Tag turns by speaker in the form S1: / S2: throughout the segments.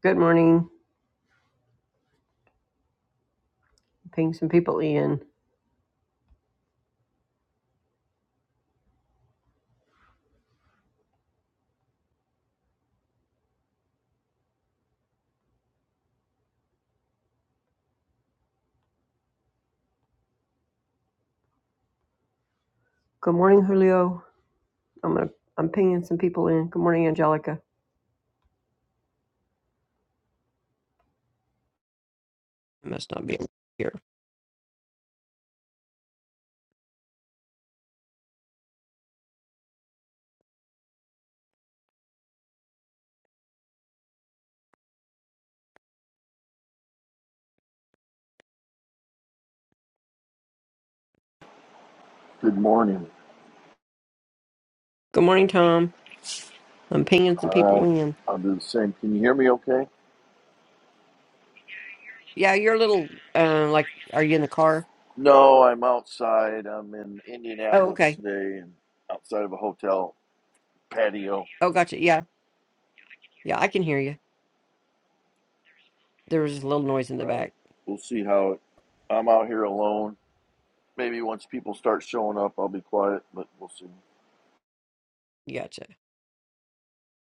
S1: Good morning. Ping some people in. Good morning, Julio. I'm gonna I'm pinging some people in. Good morning, Angelica. I must hear.
S2: Good morning.
S1: Good morning, Tom. I'm pinging some
S2: All
S1: people
S2: right.
S1: in.
S2: I'll do the same. Can you hear me okay?
S1: Yeah, you're a little uh, like are you in the car?
S2: No, I'm outside. I'm in
S1: Oh,
S2: Indianapolis
S1: okay.
S2: today and outside of a hotel patio.
S1: Oh gotcha. Yeah. Yeah, I can hear you. There was a little noise in the
S2: Right.
S1: back.
S2: We'll see how it. I'm out here alone. Maybe once people start showing up, I'll be quiet, but we'll see.
S1: Gotcha.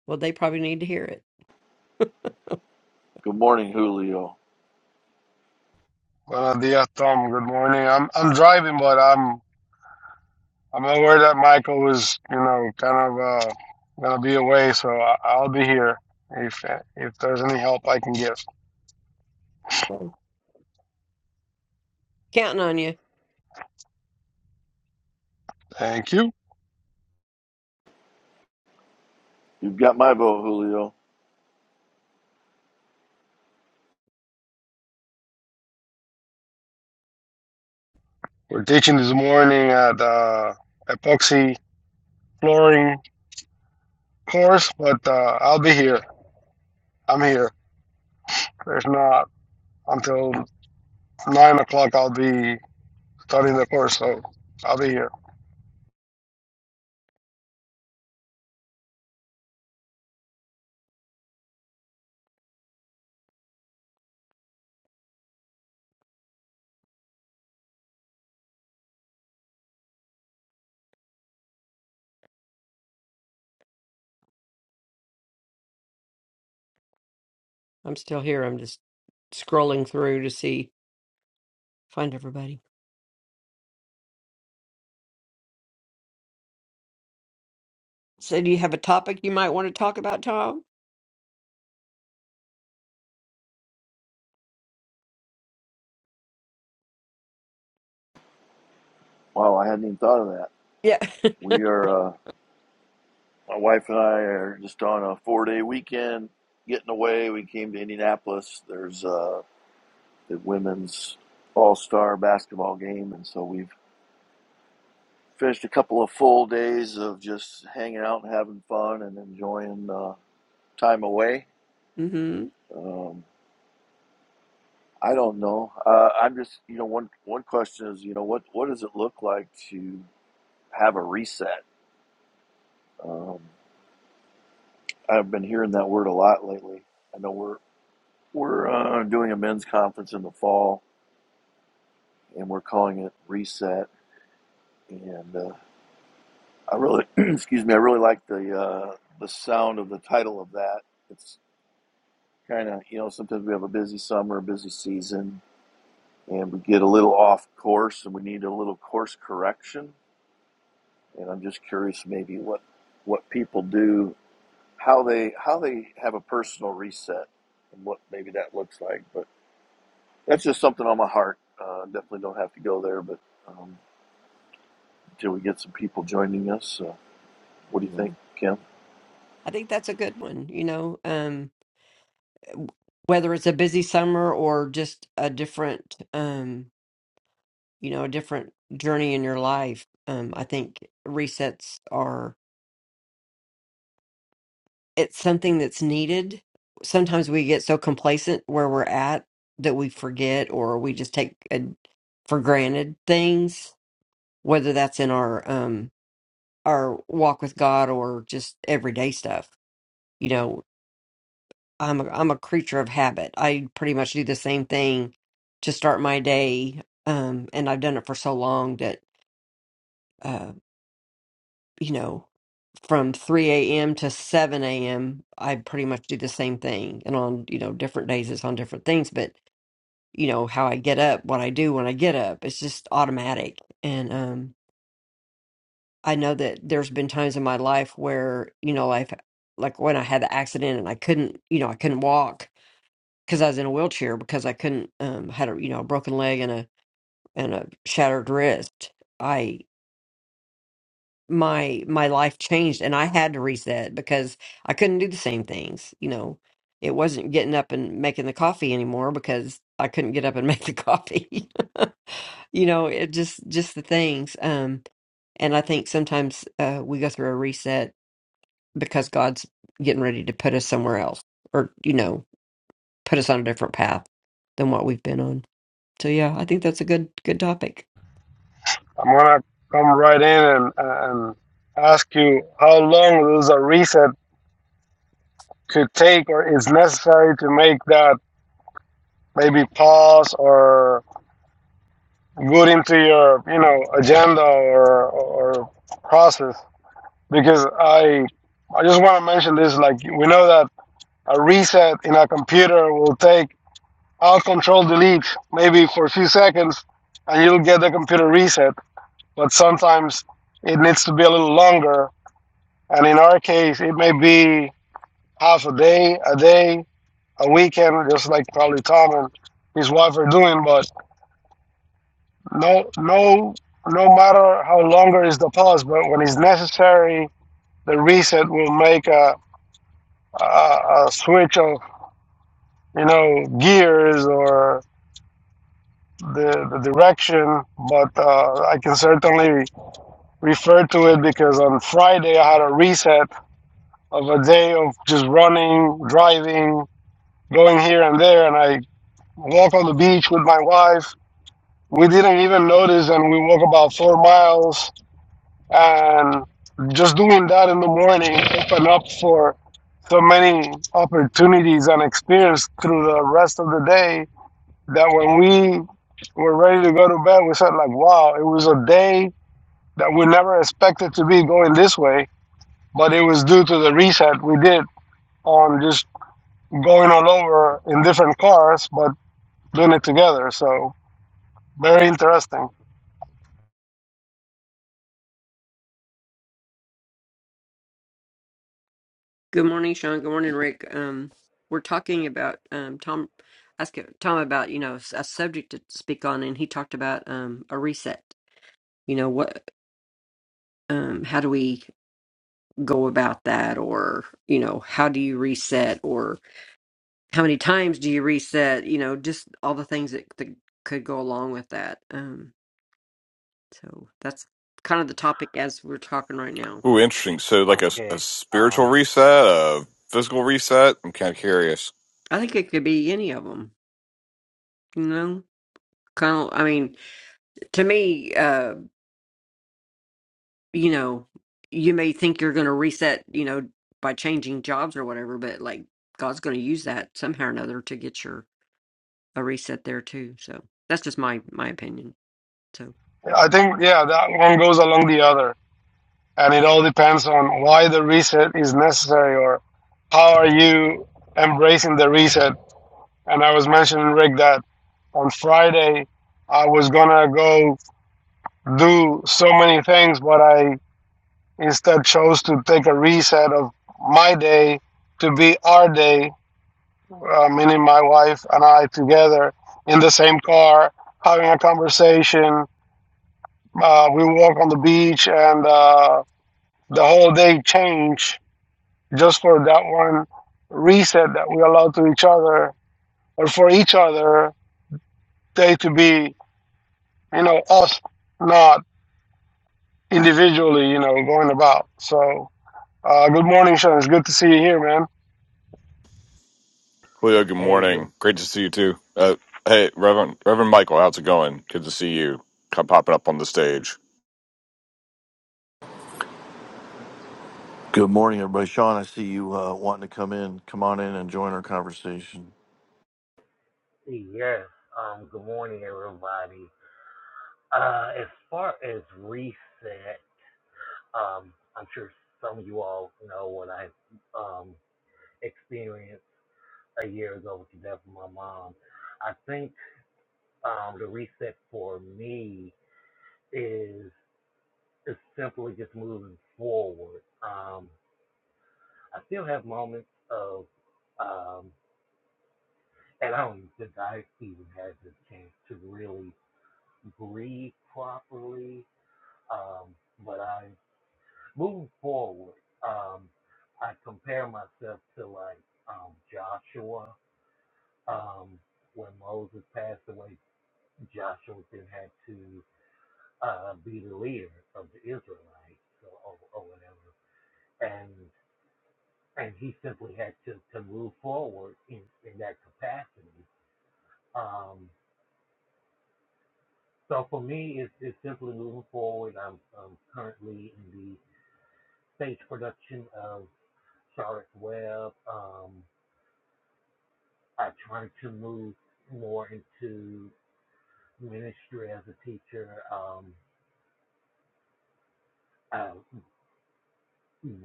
S1: Well they probably need to hear it.
S2: Good morning, Julio.
S3: Buenos dias, Tom. Good morning. I'm I'm driving, but I'm I'm aware that Michael was, you know, kind of uh, gonna be away, so I, I'll be here if if there's any help I can give.
S1: So, Counting on you.
S3: Thank you.
S2: You've got my vote, Julio.
S3: We're teaching this morning at uh, epoxy flooring course, but uh, I'll be here. I'm here. There's not until nine o'clock. I'll be starting the course, so I'll be here.
S1: I'm still here. I'm just scrolling through to see find everybody. So do you have a topic you might want to talk about, Tom?
S2: Wow, I hadn't even thought of that.
S1: Yeah.
S2: We are, uh, my wife and I are just on a four day weekend getting away. We came to Indianapolis. There's uh, the women's all star basketball game. And so we've finished a couple of full days of just hanging out and having fun and enjoying uh, time away.
S1: mm-hmm.
S2: Um, I don't know. Uh, I'm just, you know, one, one question is, you know, what, what does it look like to have a reset? Um, I've been hearing that word a lot lately. I know we're, we're uh, doing a men's conference in the fall and we're calling it reset. And uh, I really, excuse me, I really like the uh, the sound of the title of that. It's kind of you know sometimes we have a busy summer, a busy season, and we get a little off course, and we need a little course correction. And I'm just curious, maybe what what people do, how they how they have a personal reset, and what maybe that looks like. But that's just something on my heart. Uh, definitely don't have to go there, but um, until we get some people joining us, uh, what do you
S1: Yeah.
S2: think, Kim?
S1: I think that's a good one, you know, um, w- whether it's a busy summer or just a different, um, you know, a different journey in your life. Um, I think resets are, it's something that's needed. Sometimes we get so complacent where we're at that we forget or we just take uh for granted things, whether that's in our, um, our walk with God or just everyday stuff. I'm a, I'm a creature of habit. I pretty much do the same thing to start my day, um, and I've done it for so long that uh, you know, from 3 a.m. to 7 a.m., I pretty much do the same thing. And on you know different days, it's on different things, but you know how I get up, what I do when I get up, it's just automatic. And um, I know that there's been times in my life where you know, like like when I had the accident and I couldn't, you know, I couldn't walk because I was in a wheelchair because I couldn't um had a you know a broken leg and a and a shattered wrist. I my my life changed and I had to reset because I couldn't do the same things. You know, it wasn't getting up and making the coffee anymore because I couldn't get up and make the coffee. you know, it just just the things. Um and I think sometimes uh we go through a reset because God's getting ready to put us somewhere else or you know, put us on a different path than what we've been on. So yeah, I think that's a good good topic.
S3: I'm gonna come right in and and ask you how long does a reset Could take or is necessary to make that maybe pause or put into your you know agenda or or process because i i just want to mention this like we know that a reset in a computer will take Alt control delete maybe for a few seconds and you'll get the computer reset but sometimes it needs to be a little longer and in our case it may be half a day a day a weekend, just like probably Tom and his wife are doing. But no, no, no matter how longer is the pause, but when it's necessary, the reset will make a, a, a switch of you know gears or the, the direction. But uh, I can certainly refer to it because on Friday I had a reset of a day of just running, driving, going here and there, and I walk on the beach with my wife we didn't even notice and we walked about four miles and just doing that in the morning opened up for so many opportunities and experience through the rest of the day that when we were ready to go to bed we said like wow it was a day that we never expected to be going this way but it was due to the reset we did on just going all over in different cars but doing it together so very interesting
S1: Good morning, Sean. Good morning, Rick. Um, we're talking about um, Tom. Ask Tom about you know a subject to speak on, and he talked about um, a reset. You know what? Um, how do we go about that, or you know how do you reset, or how many times do you reset? You know, just all the things that, that could go along with that. Um, so that's kind of the topic as we're talking right now.
S4: Ooh, interesting. So, like a a
S5: Okay.
S4: spiritual
S5: Um.
S4: reset, a physical reset. I'm kind of curious.
S1: I think it could be any of them. You know, kind of. I mean, to me, uh, you know, you may think you're going to reset, you know, by changing jobs or whatever, but like God's going to use that somehow or another to get your a reset there too. So that's just my my opinion. So
S3: I think, yeah, that one goes along the other. And it all depends on why the reset is necessary or how are you embracing the reset. And I was mentioning, Rick, that on Friday, I was going to go do so many things, but I instead chose to take a reset of my day to be our day, uh, meaning my wife and I together in the same car, having a conversation. Uh, we walk on the beach and, uh, the whole day changed just for that one reset that we allow to each other or for each other day to be you know us not individually you know going about so uh, good morning sean it's good to see you here man
S4: Cleo, good
S5: Hey. Good.
S4: morning. Great to see you too. Uh, hey, Reverend Reverend Michael, how's it going? Good to see you Come popping up on the stage.
S2: Good morning, everybody. Sean, I see you uh, wanting to come in. Come on in and join our conversation.
S5: Yes. Um. Good morning, everybody. Uh. As far as reset, um, I'm sure some of you all know what I um experienced a year ago with the death of my mom. I think um the reset for me is is simply just moving forward. Um. I still have moments of um, and I don't think I even had the chance to really breathe properly. Um, but I move forward. Um, I compare myself to like um, Joshua. Um, when Moses passed away, Joshua then had to uh, be the leader of the Israelites or, or, whatever, and and he simply had to, to move forward in, in that capacity. Um, so for me, it's, it's simply moving forward. I'm, I'm currently in the stage production of Charlotte's Web. Um, I trying to move more into ministry as a teacher. Um, uh,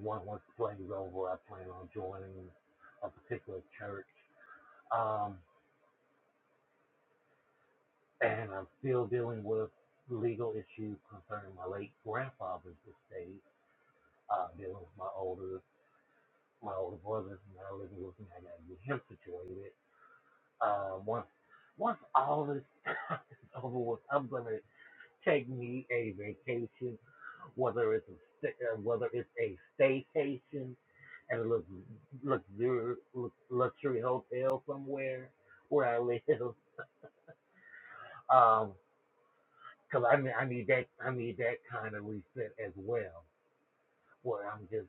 S5: one once the plays over, I plan on joining a particular church. Um, and I'm still dealing with legal issues concerning my late grandfather's estate. Uh, dealing with my older my older brother's now living with me. I gotta get him situated. Uh, once once all this is over with, I'm gonna take me a vacation, whether it's a sta- uh, whether it's a staycation at a lux- luxur lux- luxury hotel somewhere where I live, um, because I mean I need that I need that kind of reset as well, where I'm just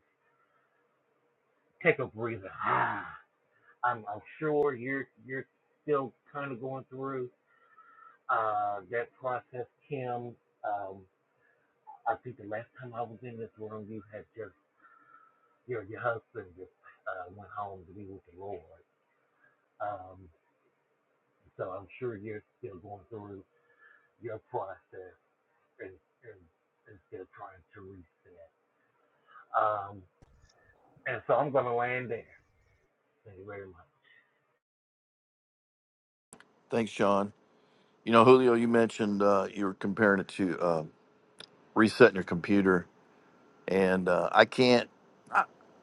S5: take a breather. Ah, I'm I'm sure you're you're still kind of going through uh that process, Kim. Um, I think the last time I was in this room, you had just your your husband just uh, went home to be with the Lord. Um, so I'm sure you're still going through your process and and, and still trying to reset. Um, and so I'm going to land there. Thank you very much.
S2: Thanks, Sean. You know, Julio, you mentioned uh, you were comparing it to uh, resetting your computer, and uh, I can't,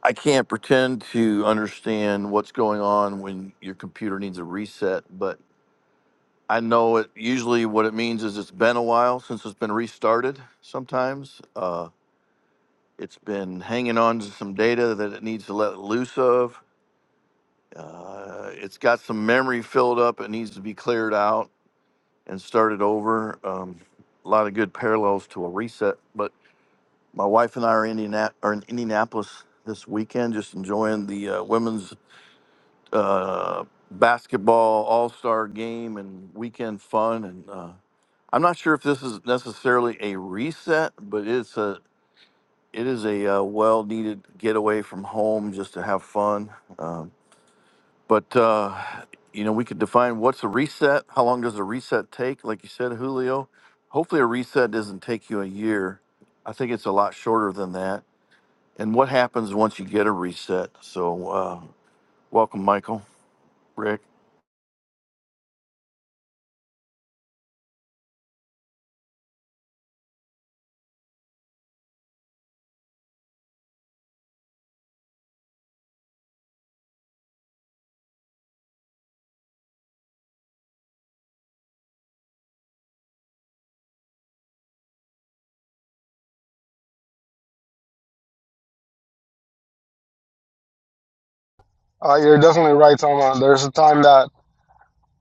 S2: I can't pretend to understand what's going on when your computer needs a reset. But I know it. Usually, what it means is it's been a while since it's been restarted. Sometimes uh, it's been hanging on to some data that it needs to let loose of Uh, it's got some memory filled up. It needs to be cleared out and started over. Um, a lot of good parallels to a reset. But my wife and I are, Indiana- are in Indianapolis this weekend, just enjoying the uh, women's uh, basketball all star game and weekend fun. And uh, I'm not sure if this is necessarily a reset, but it's a it is a uh, well needed getaway from home just to have fun. Um, But uh, you know, we could define what's a reset. How long does a reset take? Like you said, Julio. Hopefully, a reset doesn't take you a year. I think it's a lot shorter than that. And what happens once you get a reset? So, uh, welcome, Michael, Rick.
S3: uh, you're definitely right Toma. there's a time that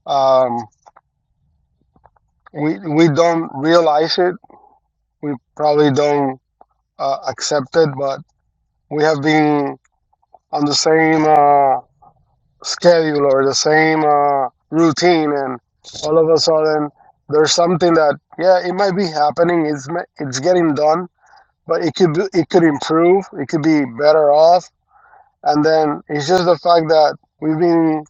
S3: um, we we don't realize it we probably don't uh, accept it but we have been on the same uh, schedule or the same uh, routine, and all of a sudden there's something that yeah, it might be happening. It's it's getting done, but it could be, it could improve. It could be better off, and then it's just the fact that we've been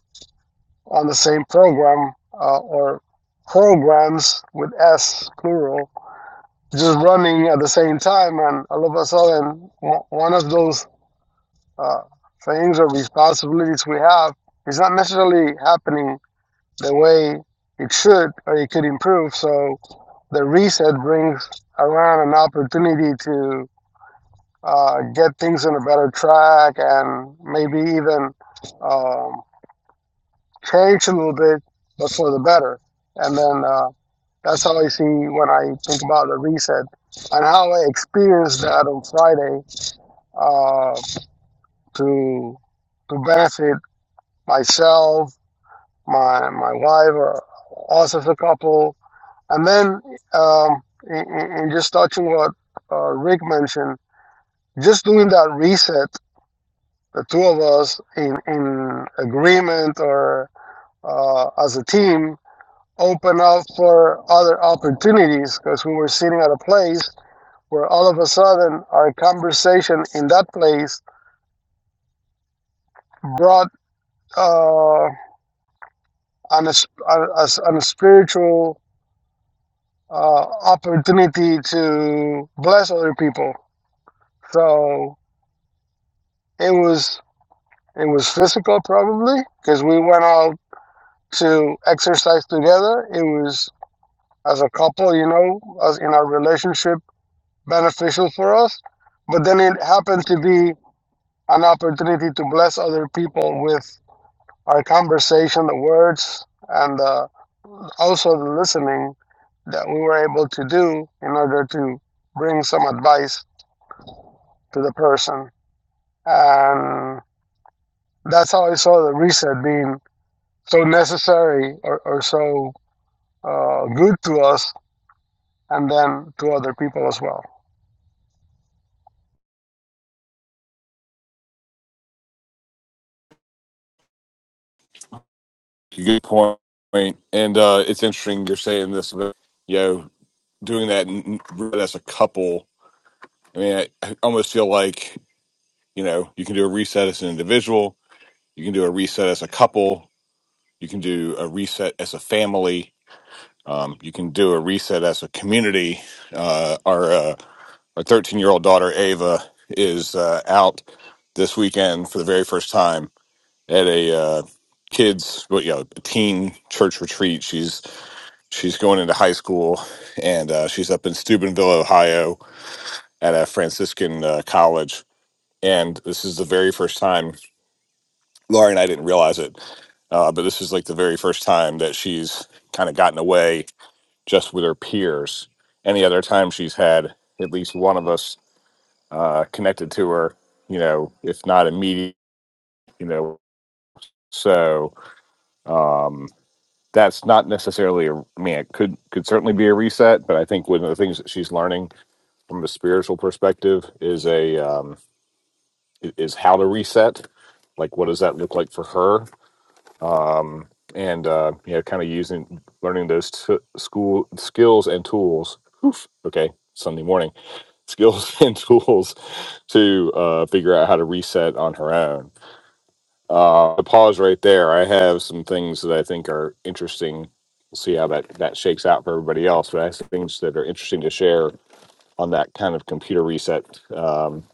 S3: on the same program uh, or programs with S plural just running at the same time, and all of a sudden one of those uh, things or responsibilities we have is not necessarily happening the way it should or it could improve. So the reset brings around an opportunity to uh, get things on a better track and maybe even um, change a little bit, but for the better. And then uh, that's how I see when I think about the reset and how I experienced that on Friday uh, to to benefit myself, my my wife, or us as a couple, And then, um, and, and just touching what uh, Rick mentioned, just doing that reset, the two of us in, in agreement or uh, as a team, open up for other opportunities because we were sitting at a place where all of a sudden our conversation in that place brought uh, an, a, a, spiritual uh, opportunity to bless other people. So it was It was physical, probably, because we went out to exercise together. It was, as a couple, you know, as in our relationship, beneficial for us. But then it happened to be an opportunity to bless other people with our conversation, the words, and uh, also the listening that we were able to do in order to bring some advice to the person. And that's how I saw the reset being so necessary or, or so uh, good to us and then to other people as well.
S4: Good point. And uh, it's interesting you're saying this about you know doing that n- n- as a couple. I mean, I, I almost feel like you know you can do a reset as an individual. You can do a reset as a couple. You can do a reset as a family Um, you can do a reset as a community. Uh, our uh, our 13 year old daughter Ava is uh, out this weekend for the very first time at a uh, kids, well, you know, teen church retreat. She's she's going into high school, and uh, she's up in Steubenville, Ohio, at a Franciscan uh, college. And this is the very first time. Laura and I didn't realize it, uh, but this is like the very first time that she's kind of gotten away just with her peers. Any other time she's had at least one of us uh, connected to her, you know, if not immediate, you know, so um, that's not necessarily a. I mean, it could could certainly be a reset, but I think one of the things that she's learning from a spiritual perspective is a um, is how to reset. Like, what does that look like for her? Um, and uh, you know, kind of using learning those t- school skills and tools. Oof. Okay, Sunday morning skills and tools to uh, figure out how to reset on her own. Uh, I'll pause right there. I have some things that I think are interesting. We'll see how that, that shakes out for everybody else. But I have some things that are interesting to share on that kind of computer reset um,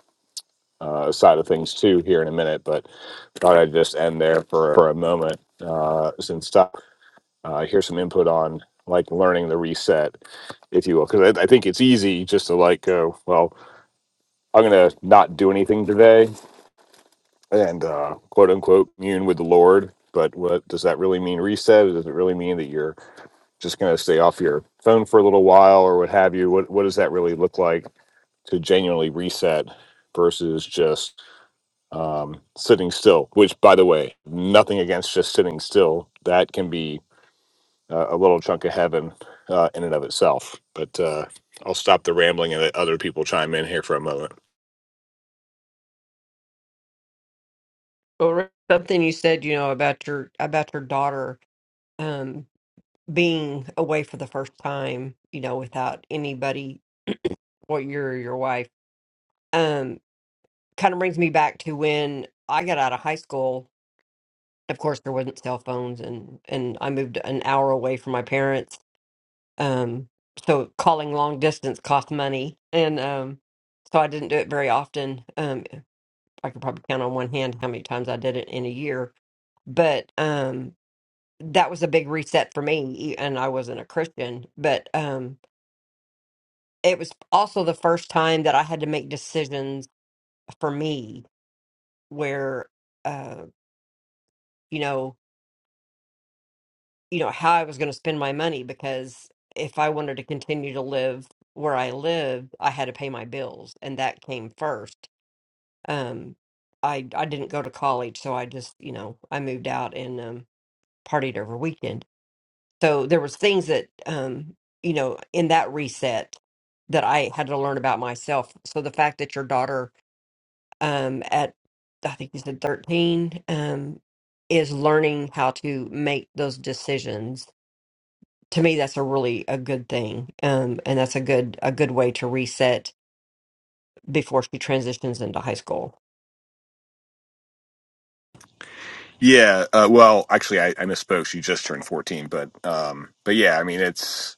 S4: uh, side of things too here in a minute. But thought I'd just end there for, for a moment uh, since stop. Uh, here's some input on like learning the reset, if you will, because I, I think it's easy just to like go well. I'm gonna not do anything today and uh, quote unquote commune with the Lord. But what does that really mean? Reset? Does it really mean that you're just gonna stay off your phone for a little while or what have you? What What does that really look like to genuinely reset versus just um, sitting still? Which, by the way, nothing against just sitting still. That can be uh, a little chunk of heaven uh, in and of itself. But uh, I'll stop the rambling and let other people chime in here for a moment.
S1: Well, Rick, something you said, you know, about your about your daughter um being away for the first time, you know, without anybody or your your wife, um, kind of brings me back to when I got out of high school. of course there wasn't cell phones and and i moved an hour away from my parents um so calling long distance cost money and um so i didn't do it very often um i could probably count on one hand how many times i did it in a year but um that was a big reset for me e- and i wasn't a christian but um it was also the first time that i had to make decisions for me where uh you know you know, how I was going to spend my money because if I wanted to continue to live where I lived, I had to pay my bills, and that came first. Um, I I didn't go to college, so I just, you know, I moved out and um, partied over weekend. So there was things that, um, you know, in that reset that I had to learn about myself. So the fact that your daughter, um, at I think you said thirteen, um, is learning how to make those decisions to me that's a really a good thing um and that's a good a good way to reset before she transitions into high school
S4: Yeah, uh, well, actually, I, I misspoke. She just turned fourteen, but um, but yeah, I mean, it's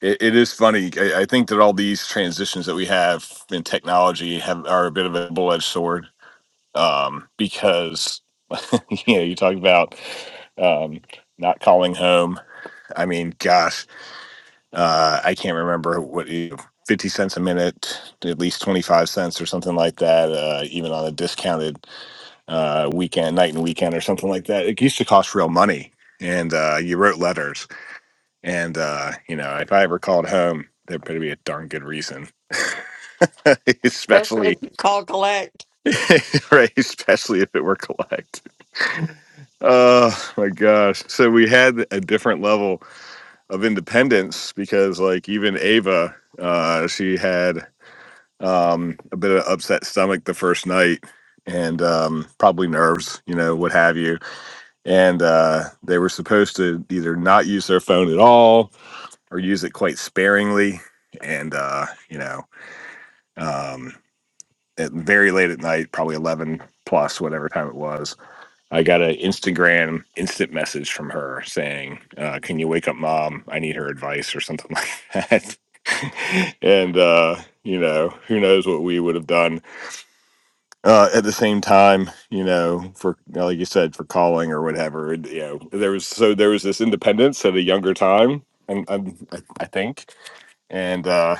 S4: it, it is funny. I, I think that all these transitions that we have in technology have are a bit of a double edged sword um, because you know you talk about um, not calling home. I mean, gosh, uh, I can't remember what you- fifty cents a minute, at least twenty five cents or something like that, uh, even on a discounted uh, weekend, night and weekend, or something like that. It used to cost real money, and uh, you wrote letters. And uh, you know, if I ever called home, there better be a darn good reason,
S1: especially
S4: especially
S1: if you call collect
S4: right, especially if it were collect. Oh my gosh! So we had a different level of independence because, like, even Ava, uh, she had um, a bit of upset stomach the first night, and um, probably nerves, you know, what have you and uh, they were supposed to either not use their phone at all or use it quite sparingly and uh, you know um, at very late at night probably 11 plus whatever time it was i got an instagram instant message from her saying uh, can you wake up mom i need her advice or something like that and uh, you know who knows what we would have done uh, at the same time, you know, for like you said, for calling or whatever, and, you know, there was so there was this independence at a younger time, and and I, I think, and uh,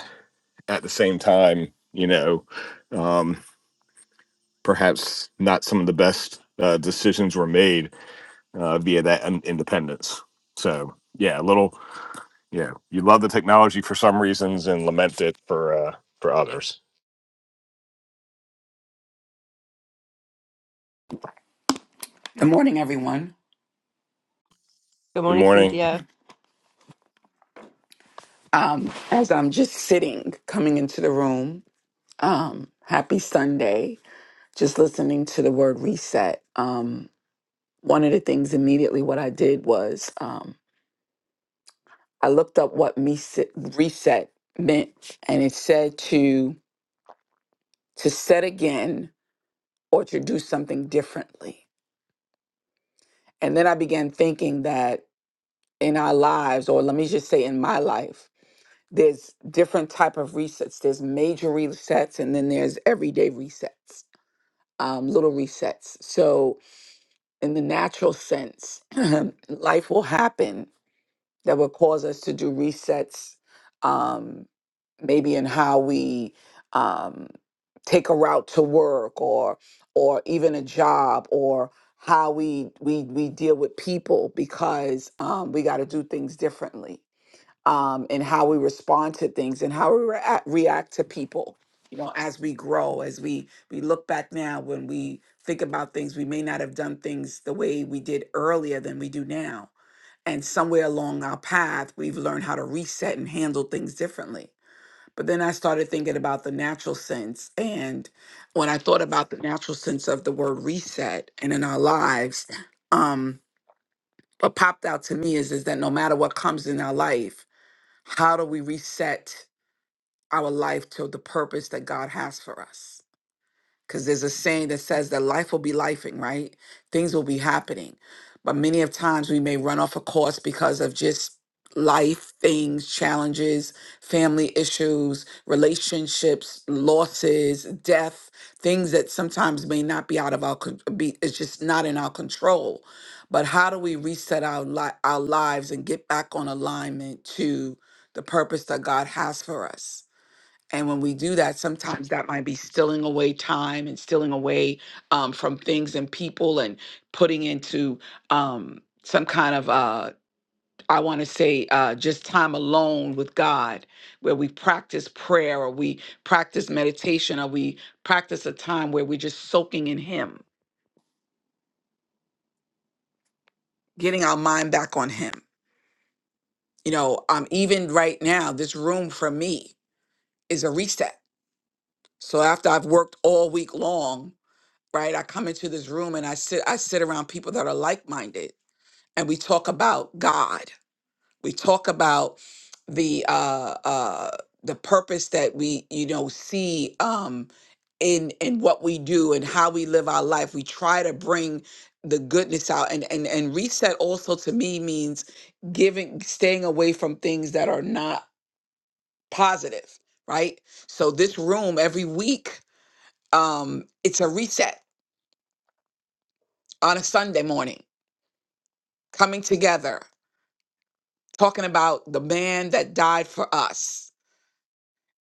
S4: at the same time, you know, um, perhaps not some of the best uh, decisions were made uh, via that in- independence. So yeah, a little, yeah, you love the technology for some reasons and lament it for uh, for others.
S6: Good morning, everyone.
S1: good
S4: Good
S1: morning
S4: morning.
S1: cynthia
S6: Um, as I'm just sitting, coming into the room, um, happy Sunday, just listening to the word reset. Um, one of the things immediately what I did was um, I looked up what me se- reset meant, and it said to to set again or to do something differently. And then I began thinking that in our lives, or let me just say in my life, there's different type of resets there's major resets and then there's everyday resets um, little resets so in the natural sense life will happen that will cause us to do resets um, maybe in how we um, take a route to work or or even a job or how we we we deal with people because um, we got to do things differently um, and how we respond to things and how we rea- react to people. You know, as we grow, as we we look back now, when we think about things, we may not have done things the way we did earlier than we do now. And somewhere along our path, we've learned how to reset and handle things differently. But then I started thinking about the natural sense. And when I thought about the natural sense of the word reset and in our lives, um, what popped out to me is, is that no matter what comes in our life, how do we reset our life to the purpose that God has for us? because there's a saying that says that life will be lifing, right? Things will be happening. But many of times we may run off a course because of just life things, challenges, family issues, relationships, losses, death, things that sometimes may not be out of our con- be it's just not in our control. But how do we reset our li- our lives and get back on alignment to the purpose that God has for us? And when we do that, sometimes that might be stealing away time and stealing away um, from things and people and putting into um, some kind of, uh, I want to say, uh, just time alone with God, where we practice prayer or we practice meditation or we practice a time where we're just soaking in Him, getting our mind back on Him. You know, um, even right now, this room for me is a reset. So after I've worked all week long, right? I come into this room and I sit I sit around people that are like-minded and we talk about God. We talk about the uh uh the purpose that we you know see um in in what we do and how we live our life. We try to bring the goodness out and and and reset also to me means giving staying away from things that are not positive, right? So this room every week um it's a reset on a Sunday morning coming together, talking about the man that died for us,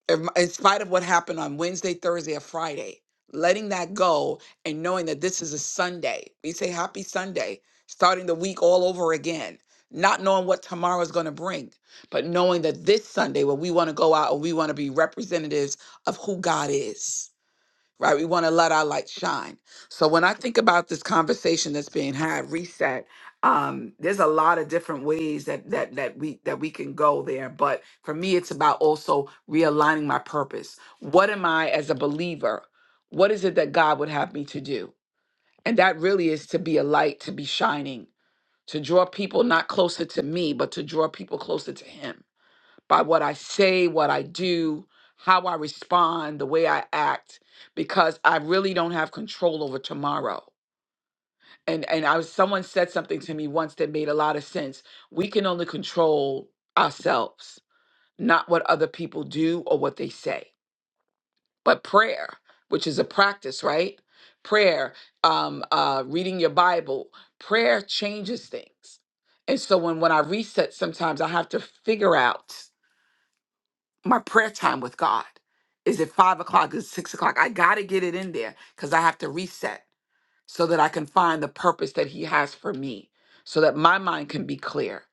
S6: in in spite of what happened on Wednesday, Thursday, or Friday, letting that go and knowing that this is a Sunday. We say happy Sunday, starting the week all over again, not knowing what tomorrow is going to bring, but knowing that this Sunday, where we want to go out and we want to be representatives of who God is right? We want to let our light shine. So when I think about this conversation that's being had, reset, um, there's a lot of different ways that that that we that we can go there. But for me, it's about also realigning my purpose. What am I as a believer? What is it that God would have me to do? And that really is to be a light, to be shining, to draw people not closer to me, but to draw people closer to Him by what I say, what I do, how I respond, the way I act, because I really don't have control over tomorrow. And and I was someone said something to me once that made a lot of sense. We can only control ourselves, not what other people do or what they say. But prayer, which is a practice, right? Prayer, um, uh, reading your Bible, prayer changes things. And so when when I reset, sometimes I have to figure out my prayer time with God? Is it five o'clock? Is six o'clock? I got to get it in there because I have to reset so that I can find the purpose that He has for me, so that my mind can be clear,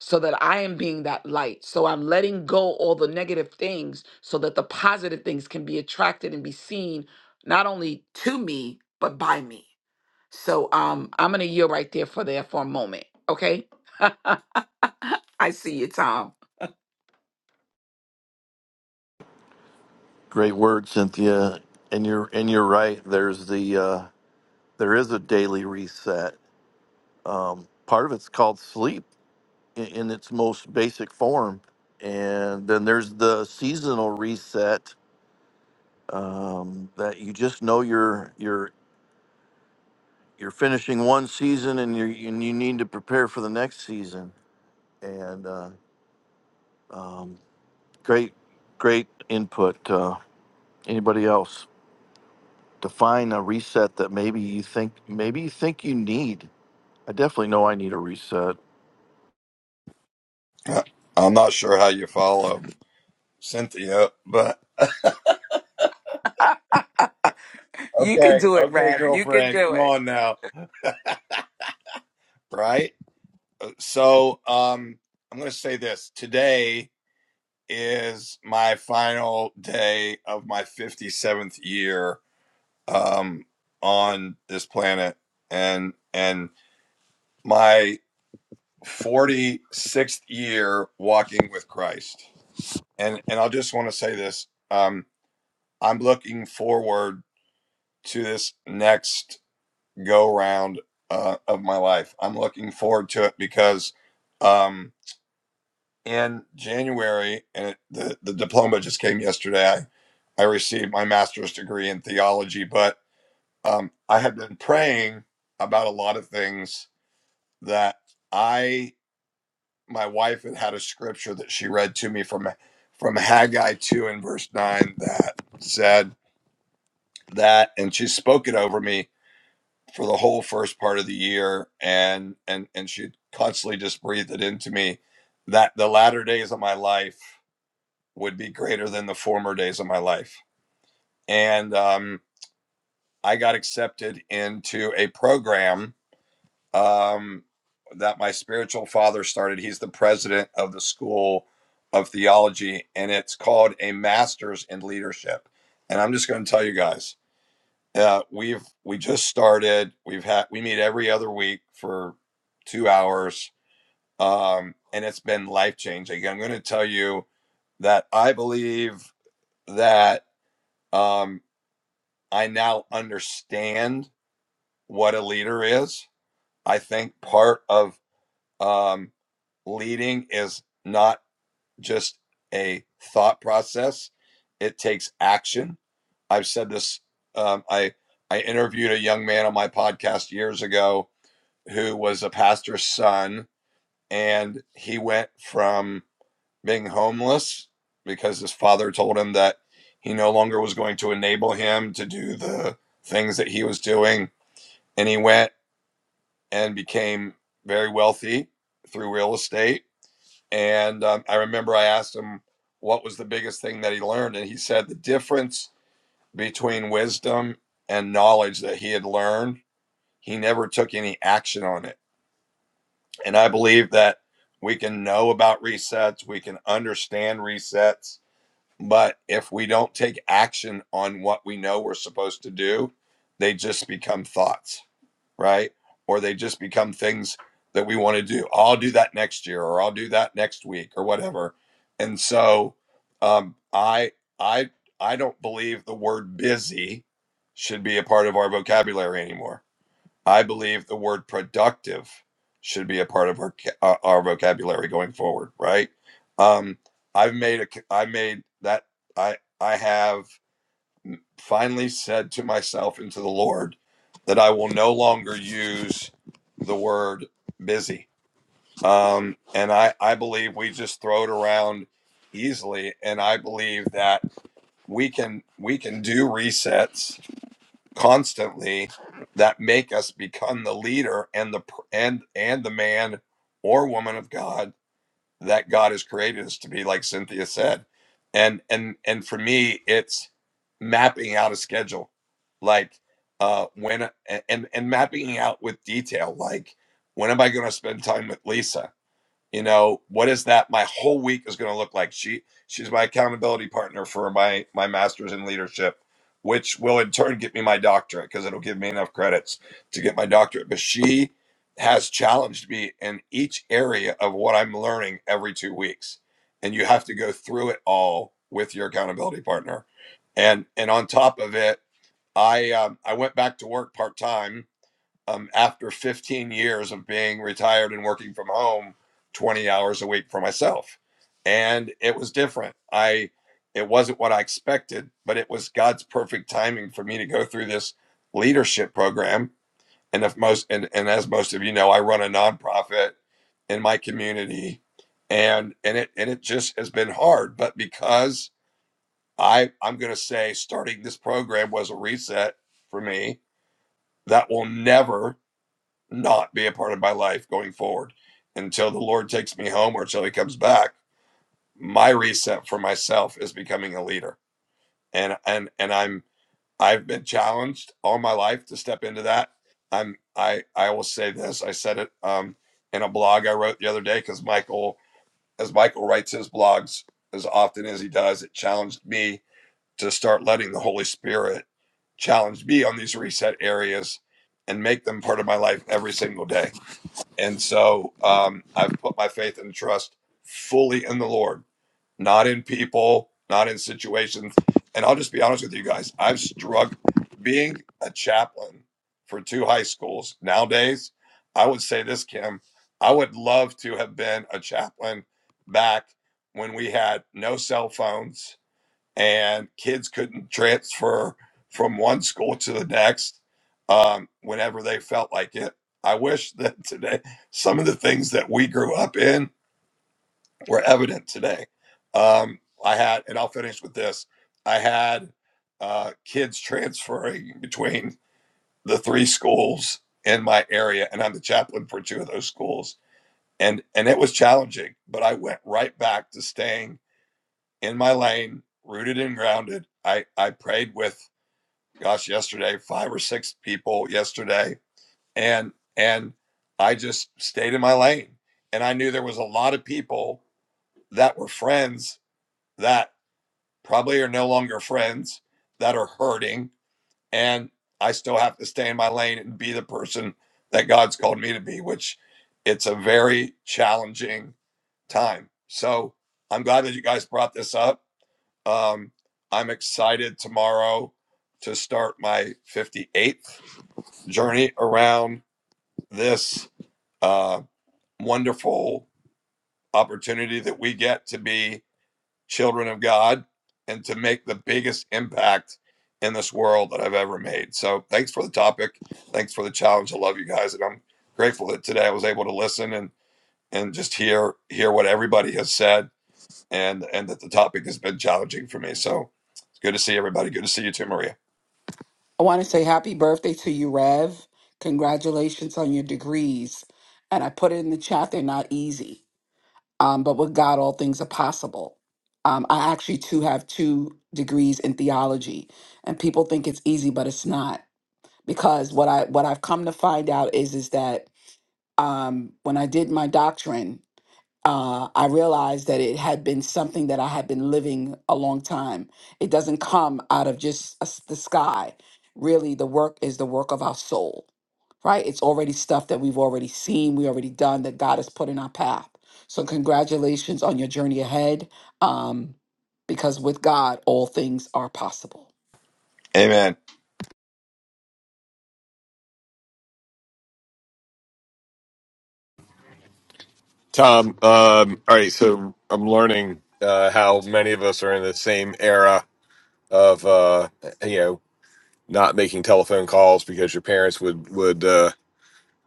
S6: so that I am being that light. So I'm letting go all the negative things so that the positive things can be attracted and be seen not only to me, but by me. So um, I'm going to yield right there for there for a moment. Okay. I see you, Tom.
S2: Great word, Cynthia. And you're and you're right. There's the uh, there is a daily reset. Um, part of it's called sleep in, in its most basic form, and then there's the seasonal reset um, that you just know you're you're you're finishing one season and you and you need to prepare for the next season. And uh, um, great, great input. Uh, anybody else? Define a reset that maybe you think maybe you think you need. I definitely know I need a reset.
S7: I'm not sure how you follow Cynthia, but
S6: You can
S7: okay,
S6: do it,
S7: okay,
S6: Rev. You can
S7: girlfriend,
S6: do
S7: come
S6: it.
S7: on now, right? So, um, I'm going to say this today is my final day of my 57th year um, on this planet, and and my 46th year walking with Christ. And and I just want to say this: um, I'm looking forward to this next go round uh, of my life. I'm looking forward to it because um, in January, and it, the, the diploma just came yesterday, I, I received my master's degree in theology, but um, I have been praying about a lot of things that I, my wife had had a scripture that she read to me from, from Haggai 2 and verse 9 that said that, and she spoke it over me for the whole first part of the year and and and she constantly just breathed it into me that the latter days of my life would be greater than the former days of my life and um i got accepted into a program um that my spiritual father started he's the president of the school of theology and it's called a masters in leadership and i'm just going to tell you guys Uh, we've we just started. We've had we meet every other week for two hours, um, and it's been life changing. I'm going to tell you that I believe that um, I now understand what a leader is. I think part of um, leading is not just a thought process; it takes action. I've said this. Um, I I interviewed a young man on my podcast years ago who was a pastor's son, and he went from being homeless because his father told him that he no longer was going to enable him to do the things that he was doing. And he went and became very wealthy through real estate. And um, I remember I asked him what was the biggest thing that he learned. And he said the difference between wisdom and knowledge that he had learned, he never took any action on it And I believe that we can know about resets, we can understand resets, but if we don't take action on what we know we're supposed to do, they just become thoughts, right? Or they just become things that we want to do. "Oh, I'll do that next year, or I'll do that next week, or whatever. And so, um, I, I, I don't believe the word busy should be a part of our vocabulary anymore I believe the word productive should be a part of our ca- our vocabulary going forward, right? Um, I've made a c- i have made ai made that I I have finally said to myself and to the Lord that I will no longer use the word busy. Um, and I I believe we just throw it around easily, and I believe that we can we can do resets constantly that make us become the leader and the and and the man or woman of God that God has created us to be like Cynthia said and and and for me it's mapping out a schedule like uh when and and mapping out with detail like when am I going to spend time with Lisa you know what is that my whole week is going to look like she she's my accountability partner for my my masters in leadership which will in turn get me my doctorate because it'll give me enough credits to get my doctorate but she has challenged me in each area of what i'm learning every two weeks and you have to go through it all with your accountability partner and and on top of it i um, i went back to work part-time um, after 15 years of being retired and working from home 20 hours a week for myself and it was different i it wasn't what i expected but it was god's perfect timing for me to go through this leadership program and if most and, and as most of you know i run a nonprofit in my community and and it and it just has been hard but because i i'm going to say starting this program was a reset for me that will never not be a part of my life going forward until the Lord takes me home or until he comes back. My reset for myself is becoming a leader. And and and I'm I've been challenged all my life to step into that. I'm I I will say this. I said it um in a blog I wrote the other day because Michael as Michael writes his blogs as often as he does, it challenged me to start letting the Holy Spirit challenge me on these reset areas and make them part of my life every single day and so um, I've put my faith and trust fully in the Lord, not in people, not in situations. And I'll just be honest with you guys, I've struggled being a chaplain for two high schools. Nowadays, I would say this, Kim, I would love to have been a chaplain back when we had no cell phones and kids couldn't transfer from one school to the next um, whenever they felt like it. I wish that today some of the things that we grew up in were evident today. Um, I had, and I'll finish with this I had uh, kids transferring between the three schools in my area, and I'm the chaplain for two of those schools. And, and it was challenging, but I went right back to staying in my lane, rooted and grounded. I, I prayed with gosh, yesterday, five or six people yesterday. And and I just stayed in my lane. And I knew there was a lot of people that were friends that probably are no longer friends that are hurting. And I still have to stay in my lane and be the person that God's called me to be, which it's a very challenging time. So I'm glad that you guys brought this up. Um, I'm excited tomorrow to start my 58th journey around this uh, wonderful opportunity that we get to be children of God and to make the biggest impact in this world that I've ever made. So, thanks for the topic. Thanks for the challenge. I love you guys, and I'm grateful that today I was able to listen and and just hear hear what everybody has said, and and that the topic has been challenging for me. So, it's good to see everybody. Good to see you too, Maria.
S6: I want to say happy birthday to you, Rev. Congratulations on your degrees. And I put it in the chat, they're not easy. Um, but with God, all things are possible. Um, I actually too have two degrees in theology, and people think it's easy, but it's not. Because what I what I've come to find out is is that um, when I did my doctrine, uh, I realized that it had been something that I had been living a long time. It doesn't come out of just a s- the sky. Really, the work is the work of our soul, right? It's already stuff that we've already seen, we already done, that God has put in our path. So, congratulations on your journey ahead, um, because with God, all things are possible.
S7: Amen.
S4: Tom, um, all right, so I'm learning uh, how many of us are in the same era of uh, you know not making telephone calls because your parents would would uh,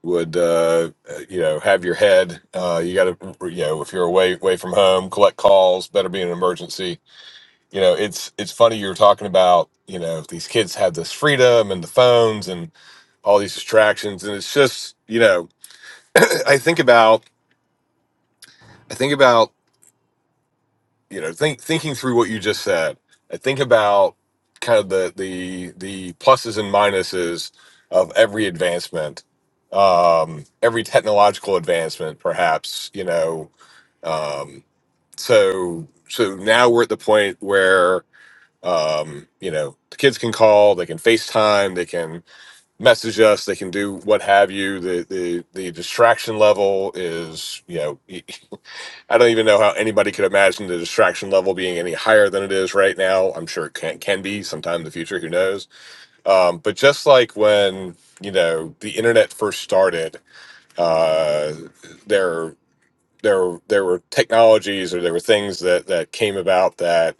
S4: would uh, you know have your head. Uh, you got to you know if you're away away from home, collect calls. Better be an emergency. You know, it's it's funny you were talking about you know these kids have this freedom and the phones and all these distractions, and it's just you know I think about I think about. you know think thinking through what you just said I think about kind of the the the pluses and minuses of every advancement um every technological advancement perhaps you know um so so now we're at the point where um you know the kids can call they can facetime they can message us they can do what have you the the the distraction level is you know I don't even know how anybody could imagine the distraction level being any higher than it is right now. I'm sure it can, can be sometime in the future, who knows? Um, but just like when, you know, the internet first started, uh, there there were- there were technologies or there were things that that came about that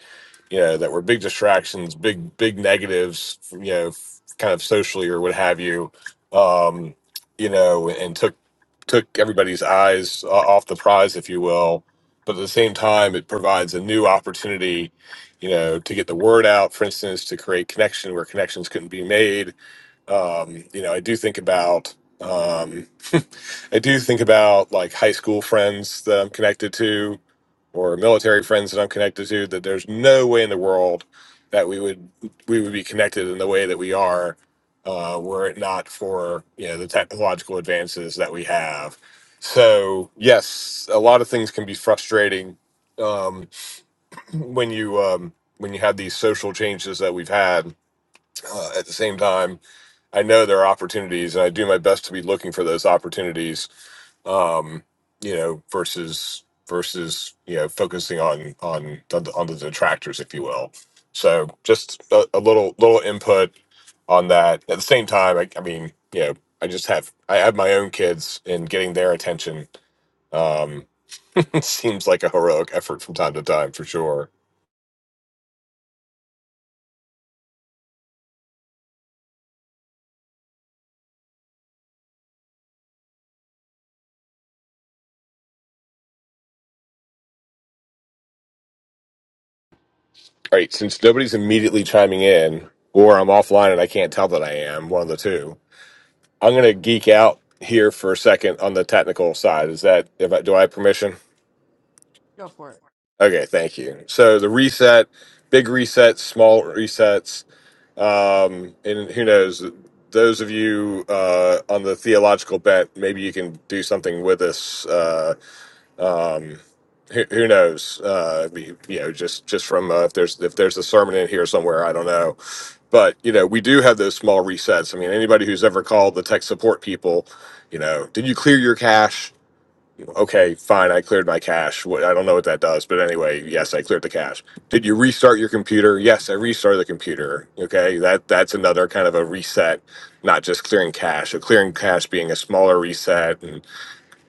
S4: you know that were big distractions, big big negatives, you know, f- kind of socially or what have you, um, you know, and took took everybody's eyes o- off the prize, if you will. But at the same time, it provides a new opportunity, you know, to get the word out. For instance, to create connection where connections couldn't be made um, you know, I do think about um, I do think about like high school friends that I'm connected to, or military friends that I'm connected to. That there's no way in the world that we would we would be connected in the way that we are, uh, were it not for you know the technological advances that we have. So yes, a lot of things can be frustrating um, when you um, when you have these social changes that we've had uh, at the same time I know there are opportunities, and I do my best to be looking for those opportunities. Um, you know, versus versus you know focusing on on the, on the detractors, if you will. So just a, a little little input on that. At the same time, I, I mean, you know, I just have I have my own kids, and getting their attention um, seems like a heroic effort from time to time, for sure. All right, since nobody's immediately chiming in, or I'm offline and I can't tell that I am, one of the two I'm gonna geek out here for a second on the technical side. Is that if I, do I have permission?
S1: go for it
S4: Okay, thank you. So the reset, big resets, small resets, um, and who knows? Those of you uh, on the theological bent, maybe you can do something with this. Uh, um, who, who knows? Uh, we- you know, just just from uh, if there's if there's a sermon in here somewhere, I don't know. But you know, we do have those small resets. I mean, anybody who's ever called the tech support people, you know, did you clear your cache? Okay, fine, I cleared my cache. What, I don't know what that does, but anyway, yes, I cleared the cache. Did you restart your computer? Yes, I restarted the computer. Okay, that that's another kind of a reset, not just clearing cache. So clearing cache being a smaller reset, and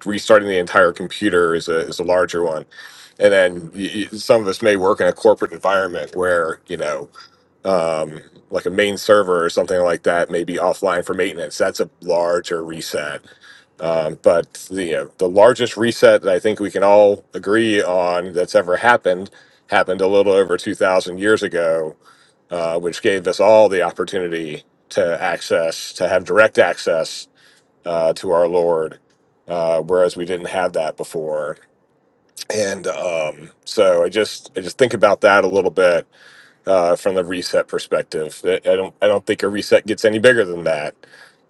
S4: restarting the entire computer is a is a larger one. And then y y some of us may work in a corporate environment where you know, um, like a main server or something like that may be offline for maintenance. That's a larger reset. Um, but the you know, the largest reset that I think we can all agree on that's ever happened happened a little over two thousand years ago, uh, which gave us all the opportunity to access to have direct access uh, to our Lord, uh, whereas we didn't have that before. And um, so I just I just think about that a little bit uh, from the reset perspective. I I don't I don't think a reset gets any bigger than that.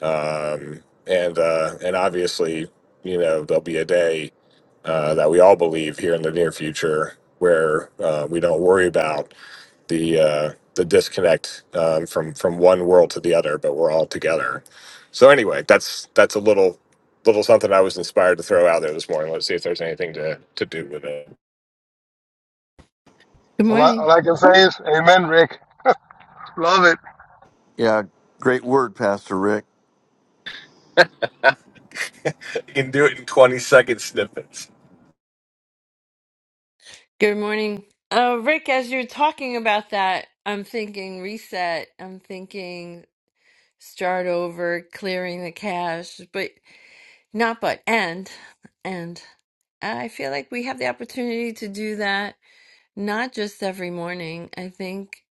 S4: Um, and uh, and obviously, you know, there'll be a day uh, that we all believe here in the near future where uh, we don't worry about the uh, the disconnect um, from from one world to the other, but we're all together. So anyway, that's that's a little little something I was inspired to throw out there this morning. Let's see if there's anything to to do with it.
S8: Good
S3: All I,
S8: morning.
S3: all I can say is, Amen, Rick. Love it.
S2: Yeah, great word, Pastor Rick.
S4: You can do it in 20 second snippets.
S8: Good morning. Uh, Rick, as you're talking about that, I'm thinking reset. I'm thinking start over, clearing the cache, but not but end. And I feel like we have the opportunity to do that not just every morning, I think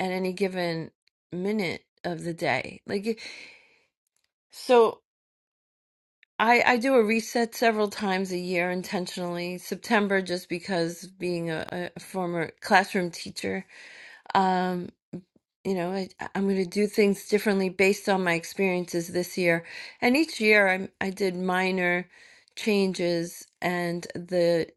S8: at any given minute of the day. Like, so. I, I do a reset several times a year intentionally. September, just because being a, a former classroom teacher, um, you know, I, I'm going to do things differently based on my experiences this year. And each year, I I did minor changes, and the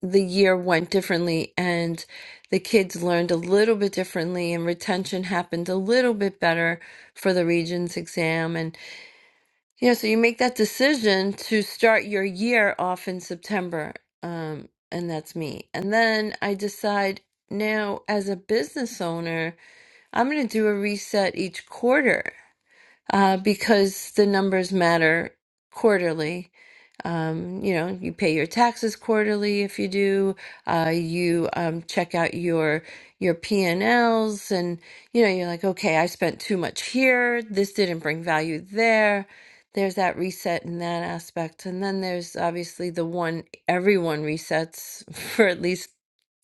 S8: the year went differently, and the kids learned a little bit differently, and retention happened a little bit better for the Regents exam, and. Yeah, so you make that decision to start your year off in September. Um, and that's me. And then I decide now, as a business owner, I'm going to do a reset each quarter uh, because the numbers matter quarterly. Um, you know, you pay your taxes quarterly if you do. Uh, you um, check out your your P&Ls and Ls, and you know, you're like, okay, I spent too much here. This didn't bring value there. There's that reset in that aspect. And then there's obviously the one everyone resets for at least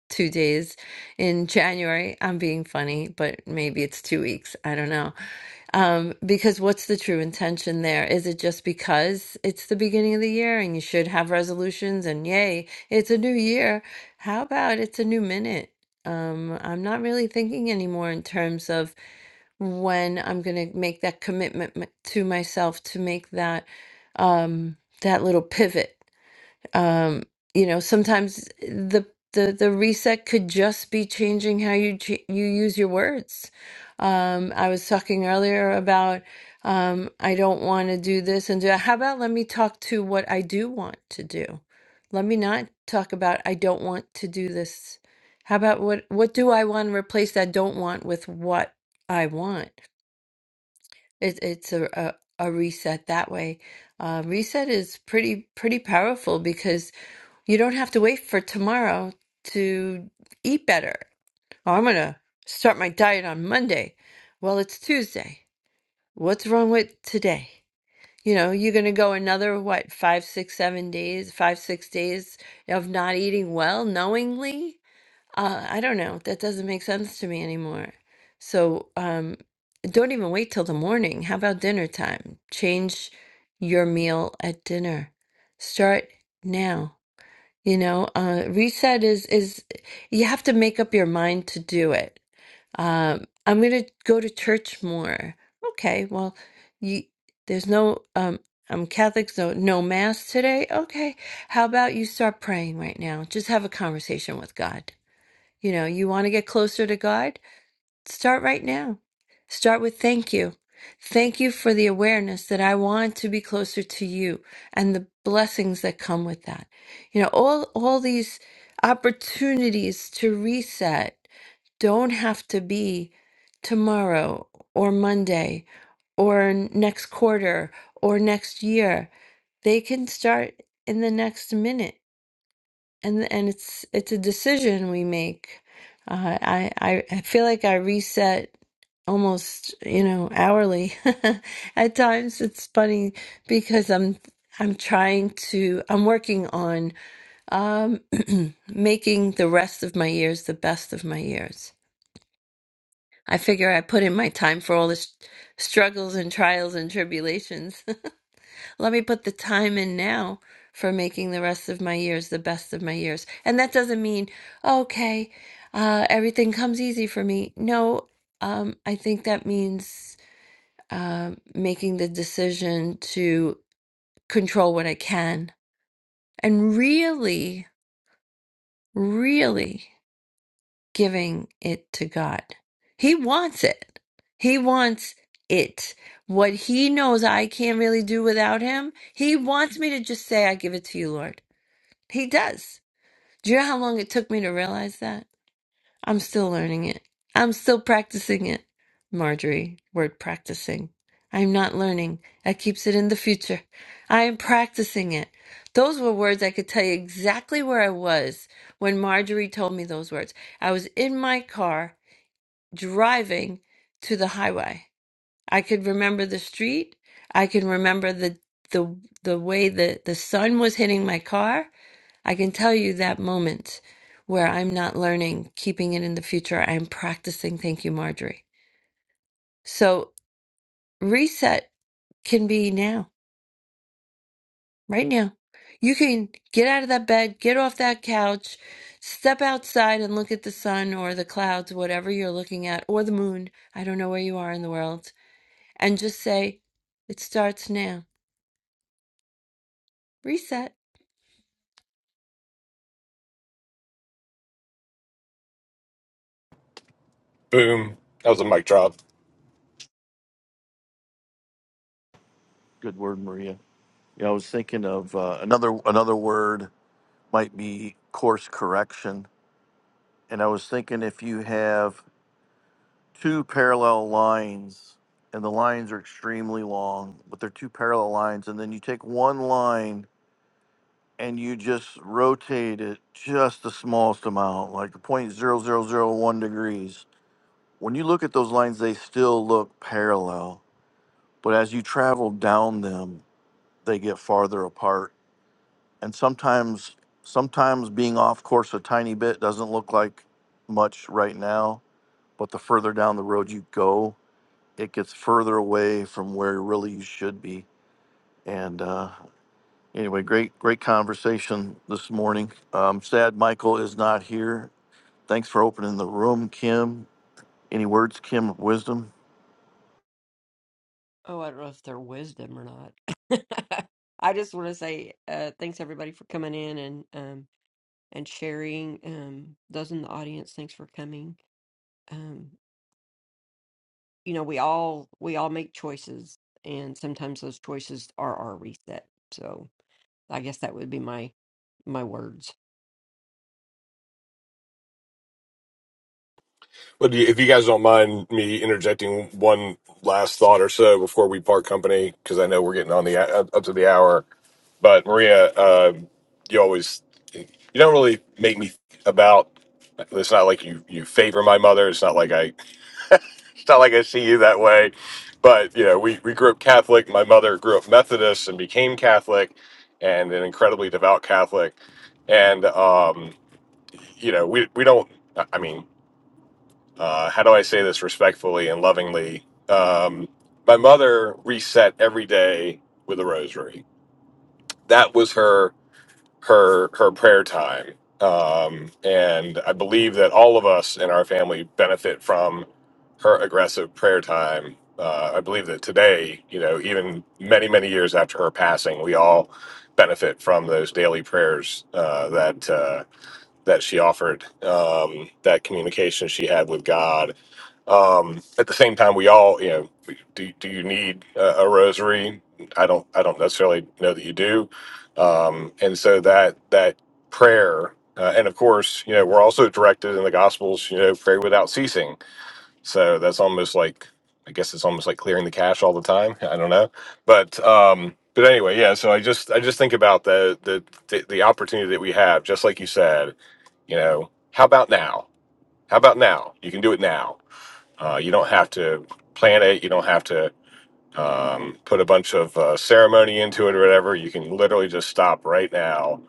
S8: two days in January. I'm being funny, but maybe it's two weeks. I don't know. Um, because what's the true intention there? Is it just because it's the beginning of the year and you should have resolutions and yay, it's a new year? How about it's a new minute? Um, I'm not really thinking anymore in terms of when I'm going to make that commitment m- to myself to make that um, that little pivot um you know sometimes the the the reset could just be changing how you ch- you use your words um i was talking earlier about um i don't want to do this and do that. how about let me talk to what i do want to do let me not talk about i don't want to do this how about what what do i want to replace that don't want with what i want it, it's a, a a reset that way uh, reset is pretty pretty powerful because you don't have to wait for tomorrow to eat better. Oh, I'm going to start my diet on Monday. Well, it's Tuesday. What's wrong with today? You know, you're going to go another, what, five, six, seven days, five, six days of not eating well knowingly? Uh, I don't know. That doesn't make sense to me anymore. So um, don't even wait till the morning. How about dinner time? Change your meal at dinner. Start now. You know, uh, reset is is you have to make up your mind to do it. Um, I'm going to go to church more. Okay, well, you there's no um, I'm Catholic, so no mass today. Okay, how about you start praying right now? Just have a conversation with God. You know, you want to get closer to God? Start right now. Start with thank you. Thank you for the awareness that I want to be closer to you and the blessings that come with that. You know, all all these opportunities to reset don't have to be tomorrow or Monday or next quarter or next year. They can start in the next minute and and it's it's a decision we make. Uh, I I I feel like I reset almost you know hourly. At times it's funny because I'm I'm trying to I'm working on um, making the rest of my years the best of my years. I figure I put in my time for all the s struggles and trials and tribulations let me put the time in now for making the rest of my years the best of my years. And that doesn't mean, okay, uh, everything comes easy for me. No, um, I think that means um making the decision to control what I can and really, really giving it to God. He wants it. He wants it. What he knows I can't really do without him, he wants me to just say, I give it to you, Lord. He does. Do you know how long it took me to realize that? I'm still learning it. I'm still practicing it. Marjorie, word practicing. I'm not learning. I keeps it in the future. I am practicing it. Those were words I could tell you exactly where I was when Marjorie told me those words. I was in my car driving to the highway. I could remember the street. I can remember the the the way the, the sun was hitting my car. I can tell you that moment where I'm not learning, keeping it in the future, I'm practicing. Thank you, Marjorie. So reset can be now, right now. You can get out of that bed, get off that couch, step outside and look at the sun or the clouds, whatever you're looking at, or the moon. I don't know where you are in the world. And just say, it starts now. Reset.
S4: Boom. That was a mic drop.
S2: Good word, Maria. Yeah, I was thinking of uh, another another word might be course correction. And I was thinking if you have two parallel lines, and the lines are extremely long, but they're two parallel lines. And then you take one line and you just rotate it just the smallest amount, like zero point zero zero zero 0.0001 degrees. When you look at those lines, they still look parallel, but as you travel down them, they get farther apart. And sometimes, sometimes being off course a tiny bit doesn't look like much right now, but the further down the road you go, it gets further away from where really you should be. And uh, anyway, great, great conversation this morning. Um, sad Michael is not here. Thanks for opening the room, Kim. Any words, Kim, of wisdom?
S1: oh i don't know if they're wisdom or not i just want to say uh thanks everybody for coming in and um and sharing um those in the audience thanks for coming um you know we all we all make choices and sometimes those choices are our reset so i guess that would be my my words
S4: But if you guys don't mind me interjecting one last thought or so before we part company, because I know we're getting on the uh, up up to the hour. But Maria, uh, you always you don't really make me think about It's not like you you favor my mother. It's not like I it's not like I see you that way. But you know, we we grew up Catholic. My mother grew up Methodist and became Catholic, and an incredibly devout Catholic. And um, you know, we we don't. I mean, uh, how do I say this respectfully and lovingly? Um, my mother reset every day with a rosary. That was her her her prayer time. Um, and I believe that all of us in our family benefit from her aggressive prayer time. Uh, I believe that today, you know, even many many years after her passing, we all benefit from those daily prayers uh, that. Uh, that she offered, um, that communication she had with God. Um, at the same time, we all, you know, do, do you need a, a rosary? I don't, I don't necessarily know that you do. Um, and so that, that prayer, uh, and of course, you know, we're also directed in the gospels, you know, pray without ceasing. So that's almost like, I guess it's almost like clearing the cache all the time. I don't know. But, um, but anyway, yeah. So I just, I just think about the, the, the, the opportunity that we have, just like you said, you know how about now how about now you can do it now uh, you don't have to plan it you don't have to um, put a bunch of uh, ceremony into it or whatever you can literally just stop right now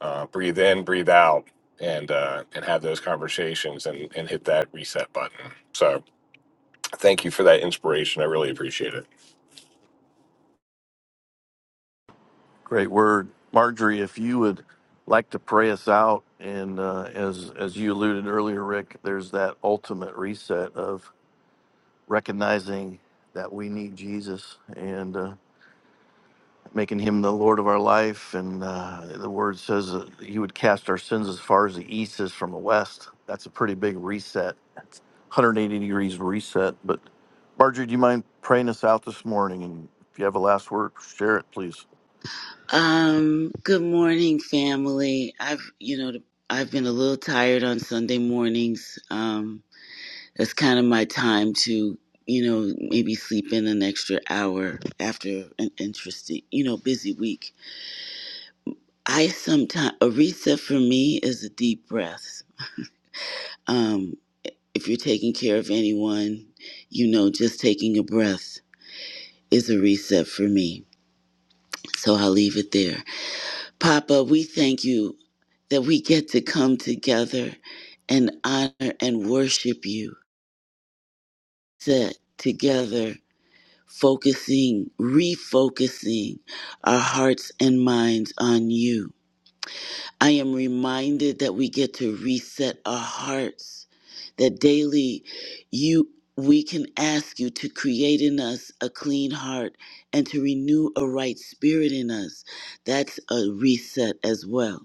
S4: uh, breathe in breathe out and uh, and have those conversations and, and hit that reset button so thank you for that inspiration i really appreciate it
S2: Great word, Marjorie. If you would like to pray us out, and uh, as as you alluded earlier, Rick, there's that ultimate reset of recognizing that we need Jesus, and uh, making him the Lord of our life. And uh, the word says that he would cast our sins as far as the east is from the west. That's a pretty big reset. That's 180 degrees reset. But Marjorie, do you mind praying us out this morning? And if you have a last word, share it, please.
S9: Um, good morning, family. I've, you know, I've been a little tired on Sunday mornings. Um, that's kind of my time to, you know, maybe sleep in an extra hour after an interesting, you know, busy week. I sometimes, a reset for me is a deep breath. Um, if you're taking care of anyone, you know, just taking a breath is a reset for me. So I'll leave it there. Papa, we thank you that we get to come together and honor and worship you. Set together, focusing, refocusing our hearts and minds on you. I am reminded that we get to reset our hearts, that daily you we can ask you to create in us a clean heart and to renew a right spirit in us. That's a reset as well.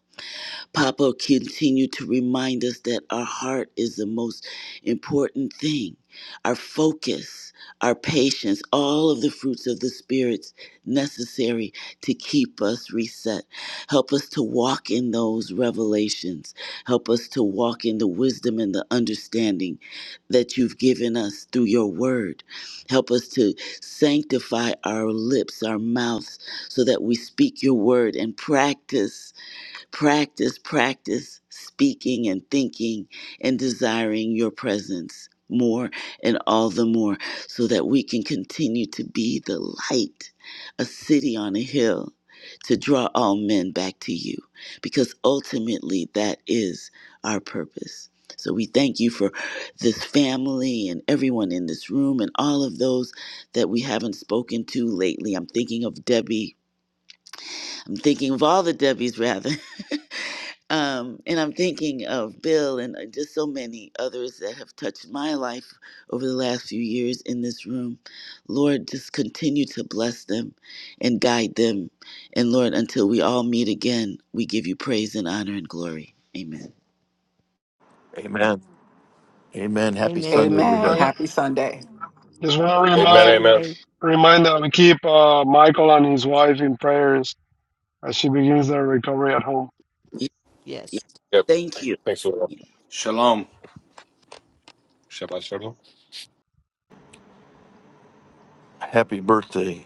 S9: Papa continue to remind us that our heart is the most important thing. Our focus, our patience, all of the fruits of the spirits necessary to keep us reset. Help us to walk in those revelations. Help us to walk in the wisdom and the understanding that you've given us through your word. Help us to sanctify our lips, our mouths, so that we speak your word and practice practice, practice speaking and thinking and desiring your presence more and all the more so that we can continue to be the light, a city on a hill to draw all men back to you because ultimately that is our purpose. So we thank you for this family and everyone in this room and all of those that we haven't spoken to lately. I'm thinking of Debbie. I'm thinking of all the Debbies rather. Um, and I'm thinking of Bill and uh, just so many others that have touched my life over the last few years in this room. Lord, just continue to bless them and guide them. And Lord, until we all meet again, we give you praise and honor and glory. Amen.
S2: Amen. Amen. Happy
S1: Amen.
S2: Sunday,
S6: Amen.
S3: Yeah, yeah.
S2: everybody.
S6: Happy Sunday.
S3: Just want to
S1: Happy
S4: amen
S3: remind
S4: amen
S1: Sunday.
S3: remind that we keep uh, Michael and his wife in prayers as she begins their recovery at home.
S9: Yeah, yeah.
S1: Yes.
S4: yep
S9: Thank you.
S4: thanks a lot
S7: Shalom.
S4: Shabbat shalom
S2: Happy birthday.